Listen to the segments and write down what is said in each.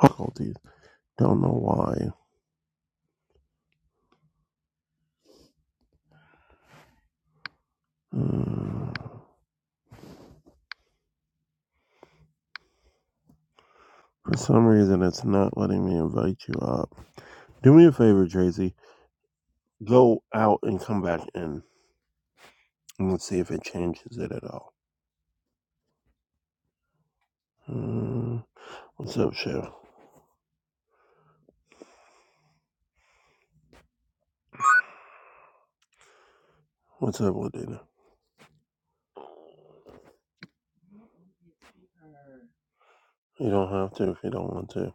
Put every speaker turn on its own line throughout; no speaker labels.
difficulties. Don't know why. Hmm. For some reason, it's not letting me invite you up. Do me a favor, Tracy. Go out and come back in, and let's see if it changes it at all. Hmm. What's up, Chef? What's up, Ladina? You don't have to if you don't want to.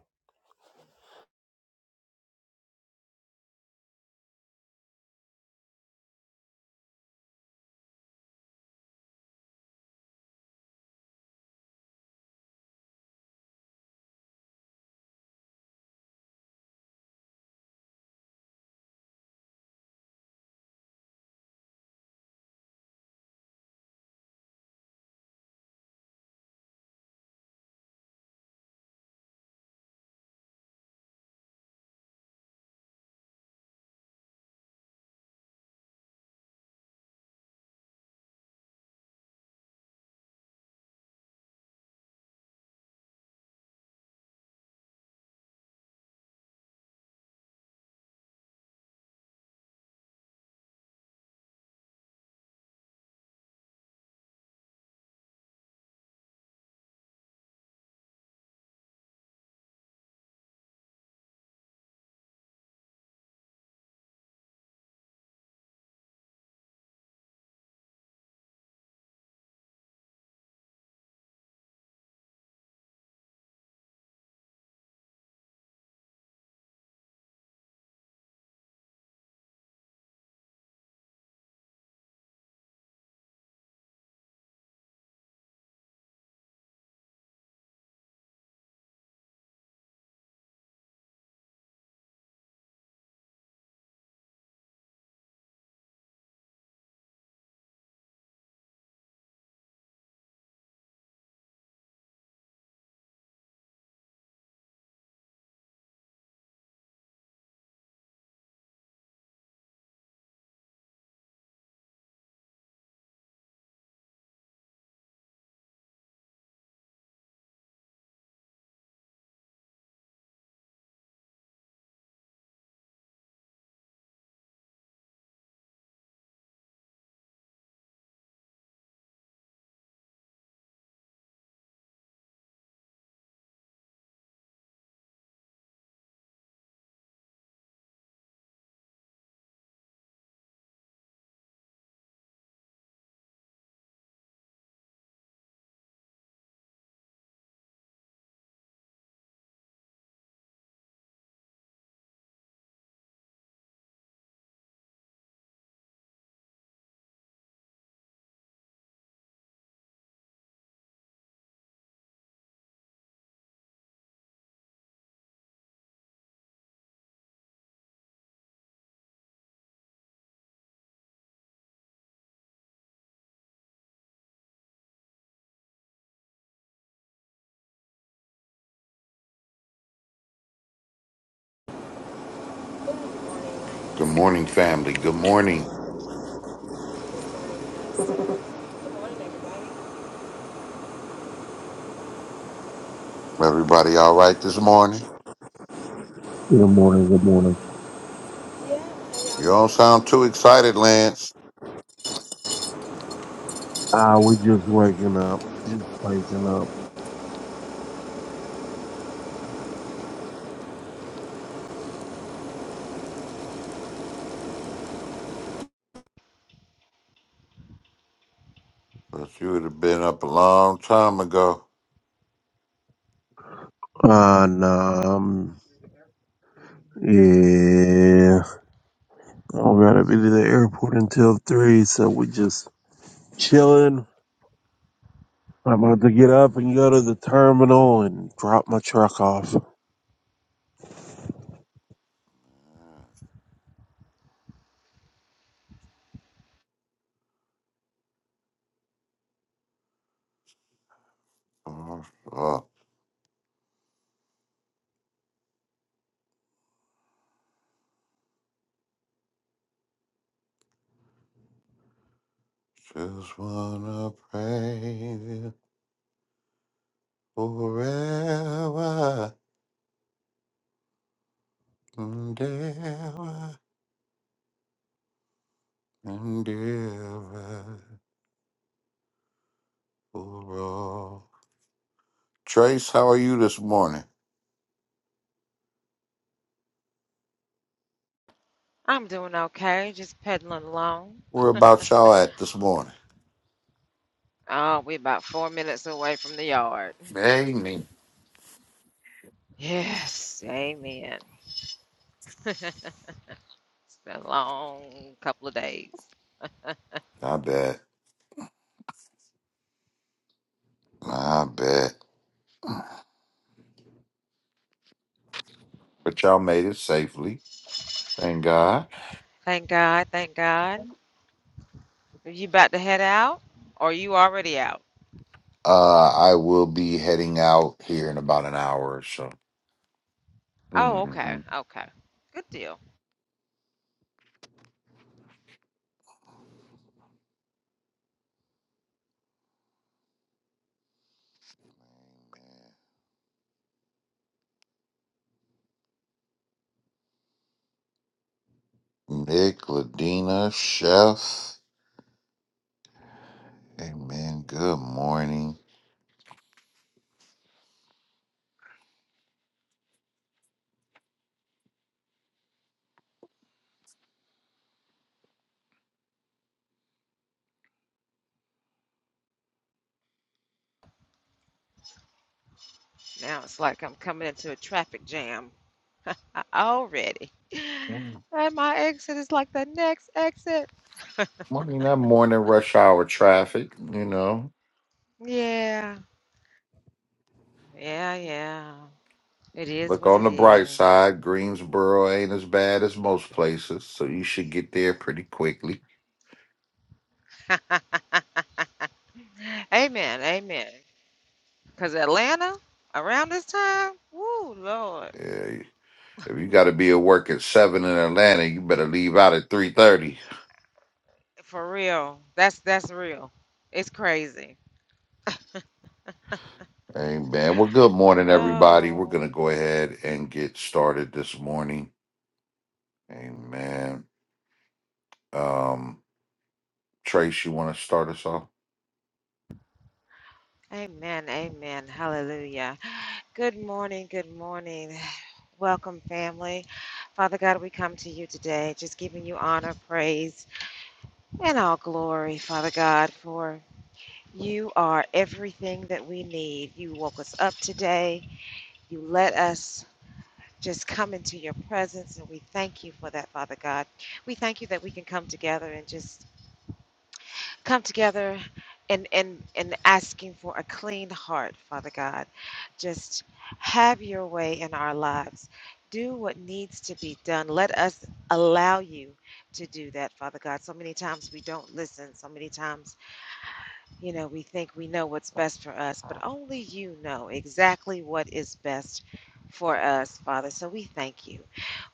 Good morning, family. Good morning. Everybody all right this morning?
Good morning. Good morning.
Yeah,
You don't sound too excited, Lance.
Ah, we just waking up. Just waking up.
Ah, But you would have been up a long time ago.
Uh, nah. I'm, yeah. I'm gonna be to the airport until three, so we just chilling. I'm about to get up and go to the terminal and drop my truck off.
Oh, oh. Just wanna praise you forever and ever and ever for all. Trace, how are you this morning?
I'm doing okay, just pedaling along.
Where about y'all at this morning?
Oh, we about four minutes away from the yard.
Hey, me.
Yes, amen. It's been a long couple of days.
I bet. I bet. but y'all made it safely. Thank God.
Thank God, thank God. Are you about to head out? Or are you already out?
Uh, I will be heading out here in about an hour or so.
Oh, okay,
hmm
okay. Good deal.
Nick, Ladina, Chef. Amen. Good morning.
Now it's like I'm coming into a traffic jam already.
Mm.
And my exit is like the next exit.
Morning, that morning rush hour traffic, you know.
Yeah. Yeah, yeah. It is
Look
what
on
it
the bright
is.
side, Greensboro ain't as bad as most places, so you should get there pretty quickly.
amen, amen. Cause Atlanta around this time, woo, Lord,
Uh, if you got to be at work at seven in Atlanta, you better leave out at three thirty.
for real. That's that's real. It's crazy.
Amen. Well, good morning, everybody. We're
Oh,
going to go ahead and get started this morning. Amen. Um, Trace, you want to start us off?
amen, amen. Hallelujah. Good morning, good morning. Welcome, family. Father God, we come to you today, just giving you honor, praise, and all glory, Father God, for. You are everything that we need. You woke us up today. You let us just come into your presence, and we thank you for that, Father God. We thank you that we can come together and just come together and and and asking for a clean heart, Father God. Just have your way in our lives. Do what needs to be done. Let us allow you to do that, Father God. So many times we don't listen. So many times you know, we think we know what's best for us, but only you know exactly what is best for us, Father. So we thank you.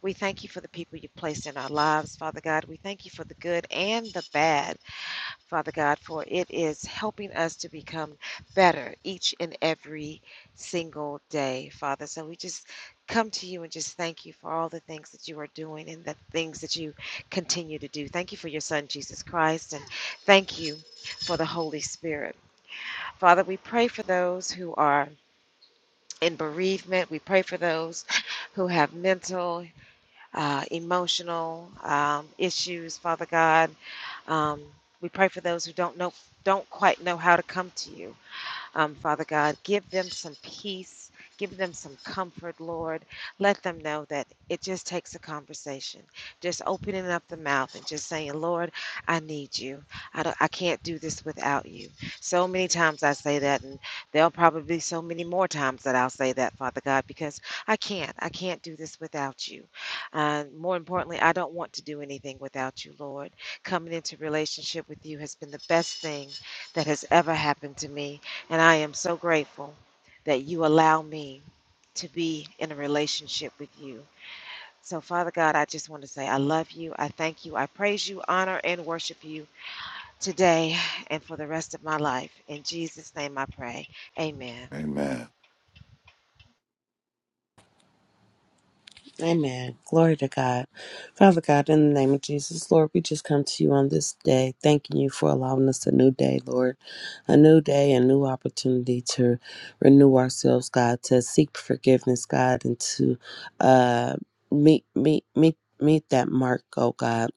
We thank you for the people you placed in our lives, Father God. We thank you for the good and the bad, Father God, for it is helping us to become better each and every single day, Father. So we just come to you and just thank you for all the things that you are doing and the things that you continue to do. Thank you for your son, Jesus Christ, and thank you for the Holy Spirit. Father, we pray for those who are in bereavement. We pray for those who have mental, uh, emotional um, issues, Father God. Um, we pray for those who don't know, don't quite know how to come to you. Um, Father God, give them some peace. Give them some comfort, Lord. Let them know that it just takes a conversation. Just opening up the mouth and just saying, Lord, I need you. I, don't, I can't do this without you. So many times I say that, and there'll probably be so many more times that I'll say that, Father God, because I can't. I can't do this without you. And more importantly, I don't want to do anything without you, Lord. Coming into relationship with you has been the best thing that has ever happened to me. And I am so grateful that you allow me to be in a relationship with you. So, Father God, I just want to say I love you. I thank you. I praise you, honor, and worship you today and for the rest of my life. In Jesus' name I pray. Amen.
Amen.
Amen. Glory to God. Father God, in the name of Jesus, Lord, we just come to you on this day, thanking you for allowing us a new day, Lord. A new day, a new opportunity to renew ourselves, God, to seek forgiveness, God, and to uh meet meet meet meet that mark, oh God.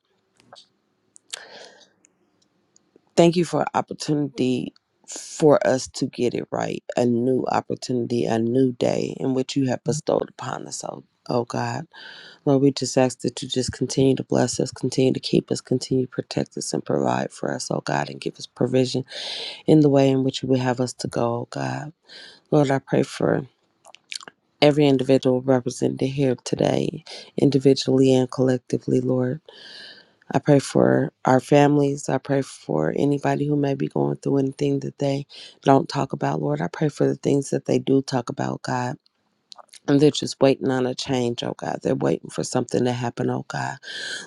Thank you for opportunity for us to get it right. A new opportunity, a new day in which you have bestowed upon us, oh, oh God. Lord, we just ask that you just continue to bless us, continue to keep us, continue to protect us and provide for us, oh God, and give us provision in the way in which you would have us to go, oh God. Lord, I pray for every individual represented here today, individually and collectively, Lord. I pray for our families. I pray for anybody who may be going through anything that they don't talk about, Lord. I pray for the things that they do talk about, God. And they're just waiting on a change, oh God. They're waiting for something to happen, oh God.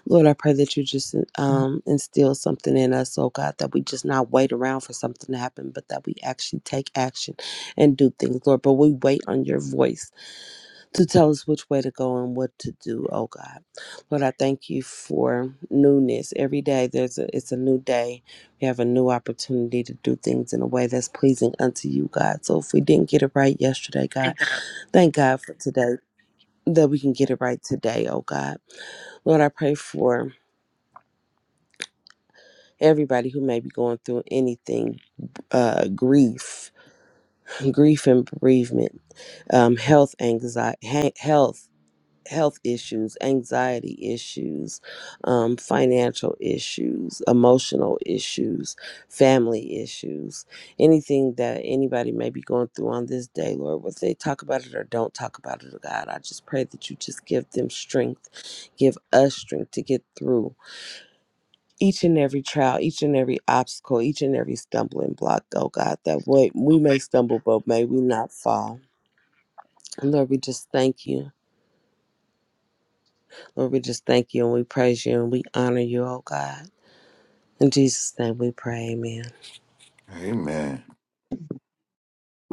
Lord, I pray that you just um, instill something in us, oh God, that we just not wait around for something to happen, but that we actually take action and do things, Lord. But we wait on your voice to tell us which way to go and what to do, oh God. Lord, I thank you for newness. Every day there's a it's a new day. We have a new opportunity to do things in a way that's pleasing unto you, God. So if we didn't get it right yesterday, God,
Amen.
thank God for today that we can get it right today, oh God. Lord, I pray for everybody who may be going through anything uh, grief, grief and bereavement, um, health anxiety, health health issues, anxiety issues, um, financial issues, emotional issues, family issues, anything that anybody may be going through on this day, Lord, whether they talk about it or don't talk about it, oh God, I just pray that you just give them strength, give us strength to get through each and every trial, each and every obstacle, each and every stumbling block, oh God, that way we may stumble, but may we not fall. And Lord, we just thank you. Lord, we just thank you and we praise you and we honor you, oh God. In Jesus' name we pray, amen.
Amen.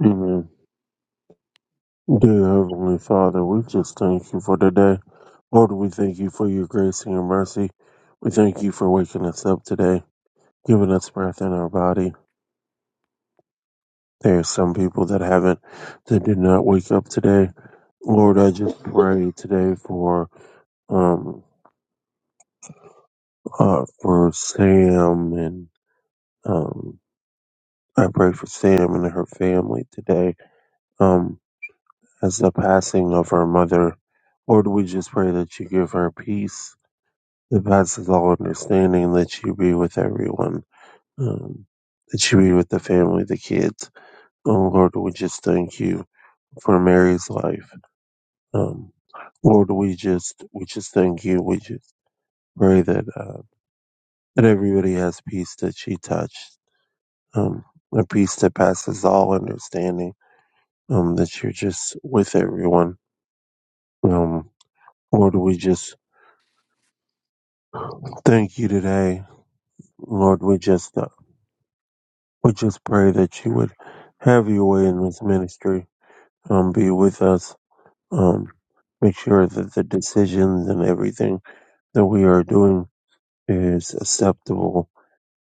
Amen. Dear Heavenly Father, we just thank you for today. Lord, we thank you for your grace and your mercy. We thank you for waking us up today, giving us breath in our body. There are some people that haven't, that did not wake up today. Lord, I just pray today for um uh for Sam and um I pray for Sam and her family today. Um as the passing of her mother. Lord, we just pray that you give her peace that passes all understanding, that you be with everyone, um, that you be with the family, the kids. Oh, Lord, we just thank you for Mary's life. Um, Lord, we just we just thank you. We just pray that uh, that everybody has peace that she touched, um, a peace that passes all understanding. Um, that you're just with everyone. Um, Lord, we just Thank you today, Lord. We just uh, we just pray that you would have your way in this ministry. Um, be with us. Um, make sure that the decisions and everything that we are doing is acceptable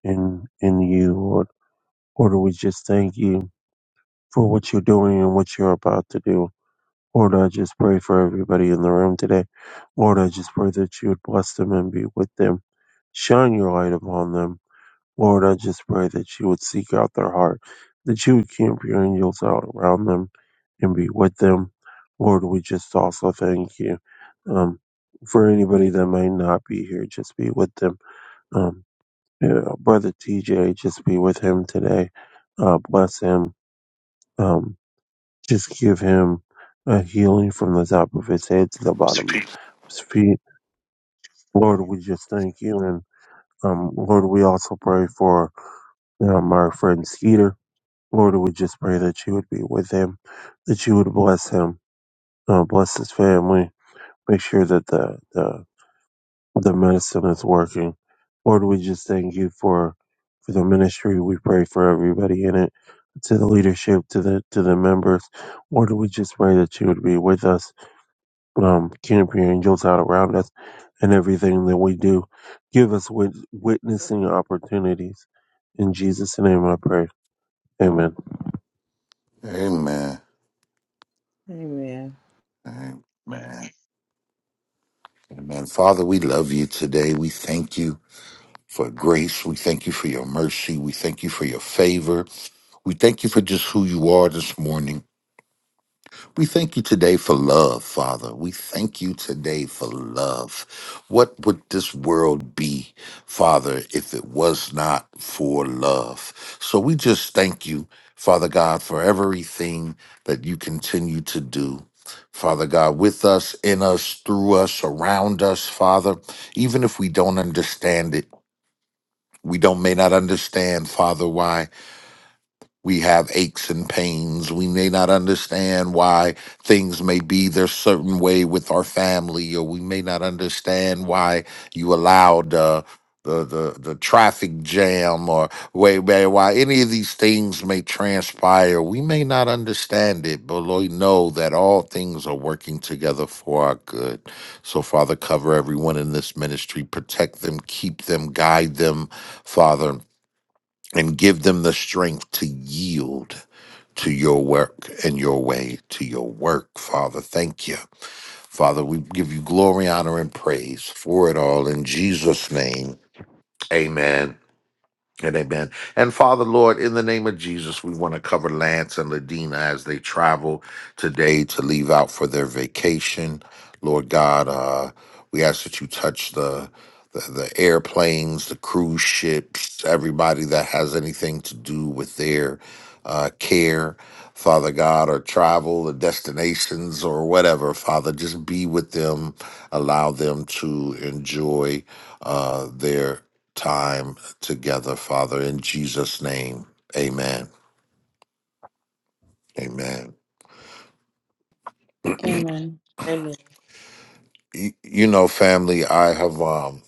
in in you, Lord. Lord, we just thank you for what you're doing and what you're about to do. Lord, I just pray for everybody in the room today. Lord, I just pray that you would bless them and be with them. Shine your light upon them Lord, I just pray that you would seek out their heart, that you would camp your angels out around them and be with them. Lord, we just also thank you um, for anybody that may not be here, just be with them. Um, yeah, Brother TJ, just be with him today. Uh, bless him. Um, just give him a healing from the top of his head to the bottom of his feet. Lord, we just thank you. And um, Lord, we also pray for um, our friend Skeeter. Lord, we just pray that you would be with him, that you would bless him, uh, bless his family, make sure that the, the the medicine is working. Lord, we just thank you for for the ministry. We pray for everybody in it, to the leadership, to the to the members. Lord, we just pray that you would be with us, um, camp your angels out around us, and everything that we do. Give us wit- witnessing opportunities. In Jesus' name, I pray. Amen.
Amen.
Amen.
Amen. Father, we love you today. We thank you for grace. We thank you for your mercy. We thank you for your favor. We thank you for just who you are this morning. We thank you today for love, Father. We thank you today for love. What would this world be, Father, if it was not for love? So we just thank you, Father God, for everything that you continue to do. Father God, with us, in us, through us, around us, Father, even if we don't understand it, we don't may not understand, Father, why we have aches and pains. We may not understand why things may be their certain way with our family, or we may not understand why you allowed uh, the, the the traffic jam, or way way- why any of these things may transpire. We may not understand it, but Lord, know that all things are working together for our good. So, Father, cover everyone in this ministry, protect them, keep them, guide them, Father and give them the strength to yield to your work and your way to your work, Father. Thank you. Father, we give you glory, honor, and praise for it all in Jesus' name. Amen and amen. And Father, Lord, in the name of Jesus, we want to cover Lance and Ladina as they travel today to leave out for their vacation. Lord God, uh, we ask that you touch the, the the airplanes, the cruise ships, everybody that has anything to do with their uh, care, Father God, or travel, or destinations, or whatever. Father, just be with them, allow them to enjoy uh, their time together, Father, in Jesus' name. Amen. Amen.
Amen.
Amen.
You, you know, family, I have um,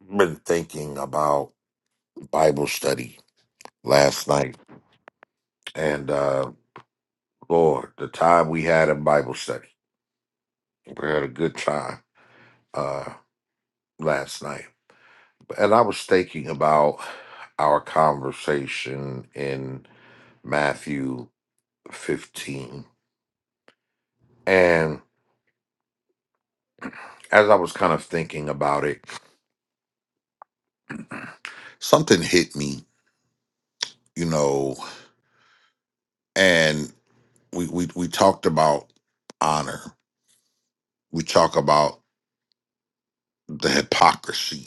been thinking about Bible study last night. And uh, Lord, the time we had in Bible study, we had a good time uh, last night. And I was thinking about our conversation in Matthew 15. And as I was kind of thinking about it, something hit me, you know. and we we we talked about honor. We talk about the hypocrisy,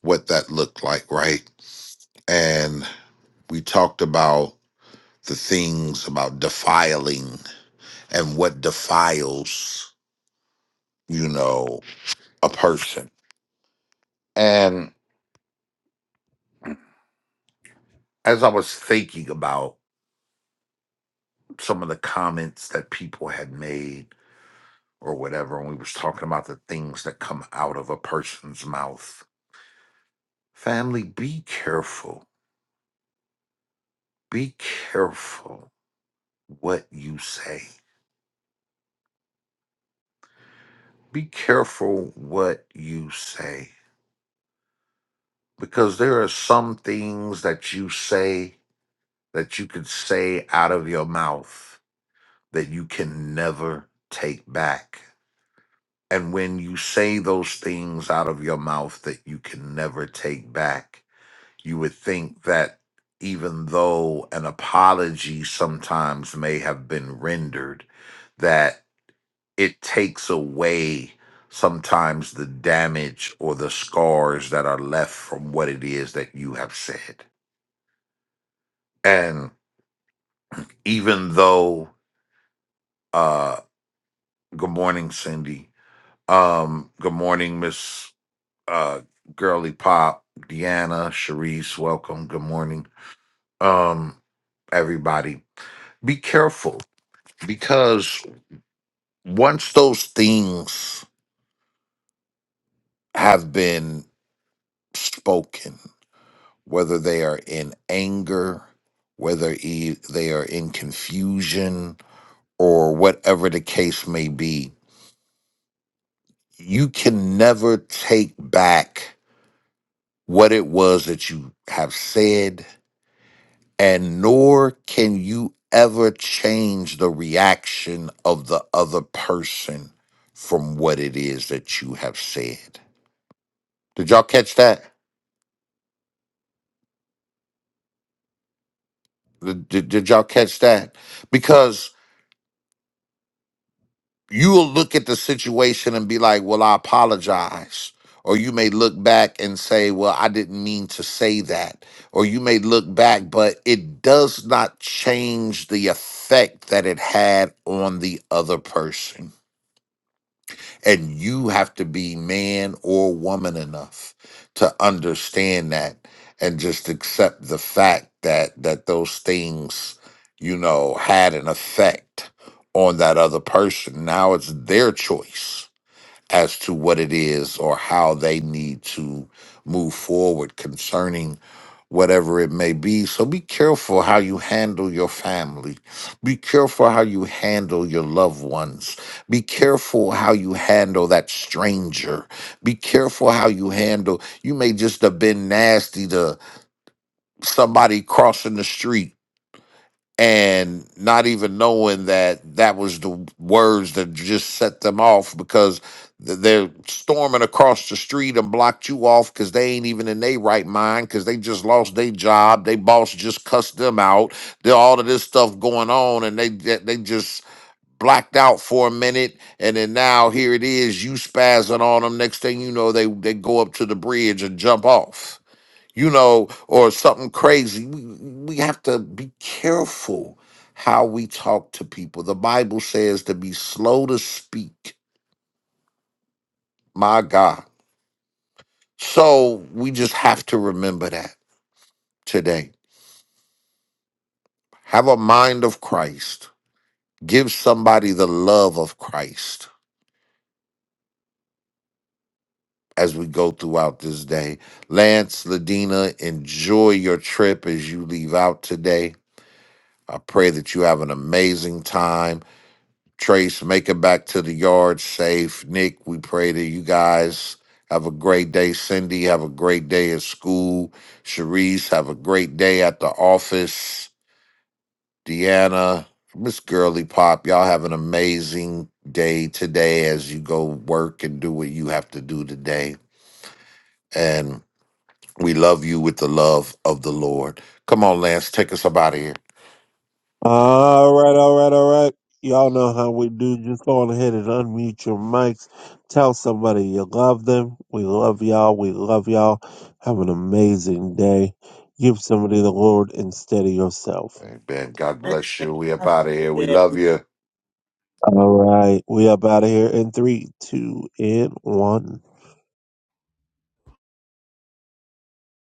what that looked like, right? And we talked about the things about defiling and what defiles, you know, a person. And as I was thinking about some of the comments that people had made or whatever, and we was talking about the things that come out of a person's mouth. Family, be careful Be careful what you say. Be careful what you say. Because there are some things that you say that you could say out of your mouth that you can never take back. And when you say those things out of your mouth that you can never take back, you would think that even though an apology sometimes may have been rendered, that it takes away sometimes the damage or the scars that are left from what it is that you have said. And even though uh good morning Cindy, um good morning Miss uh Girly Pop, Deanna, Sharice, welcome, good morning. Um everybody, be careful because once those things have been spoken whether they are in anger, whether e- they are in confusion, or whatever the case may be, you can never take back what it was that you have said, and nor can you ever change the reaction of the other person from what it is that you have said. Did y'all catch that? Did, did, did y'all catch that? Because you will look at the situation and be like, well, I apologize. Or you may look back and say, well, I didn't mean to say that. Or you may look back, but it does not change the effect that it had on the other person and you have to be man or woman enough to understand that and just accept the fact that that those things, you know, had an effect on that other person. Now it's their choice as to what it is or how they need to move forward concerning whatever it may be. So be careful how you handle your family. Be careful how you handle your loved ones. Be careful how you handle that stranger. Be careful how you handle, you may just have been nasty to somebody crossing the street and not even knowing that that was the words that just set them off because th- they're storming across the street and blocked you off because they ain't even in their right mind because they just lost their job. They boss just cussed them out. There all of this stuff going on and they they they just blacked out for a minute and then now here it is you spazzing on them next thing you know they they go up to the bridge and jump off you know, or something crazy. We, we have to be careful how we talk to people. The Bible says to be slow to speak, my God. So we just have to remember that today. Have a mind of Christ. Give somebody the love of Christ as we go throughout this day. Lance, Ladina, enjoy your trip as you leave out today. I pray that you have an amazing time Trace, make it back to the yard safe. Nick, we pray that you guys have a great day. Cindy, have a great day at school. Sharice, have a great day at the office. Deanna, Miss Girly Pop, y'all have an amazing day today as you go work and do what you have to do today. And we love you with the love of the Lord. Come on, Lance, take us up out of here.
All right, all right, all right. Y'all know how we do. Just go on ahead and unmute your mics. Tell somebody you love them. We love y'all. We love y'all. Have an amazing day. Give somebody the Lord instead of yourself.
Amen. God bless you. We up out of here. We
Amen.
love you.
All right. We up out of here in three, two, and one.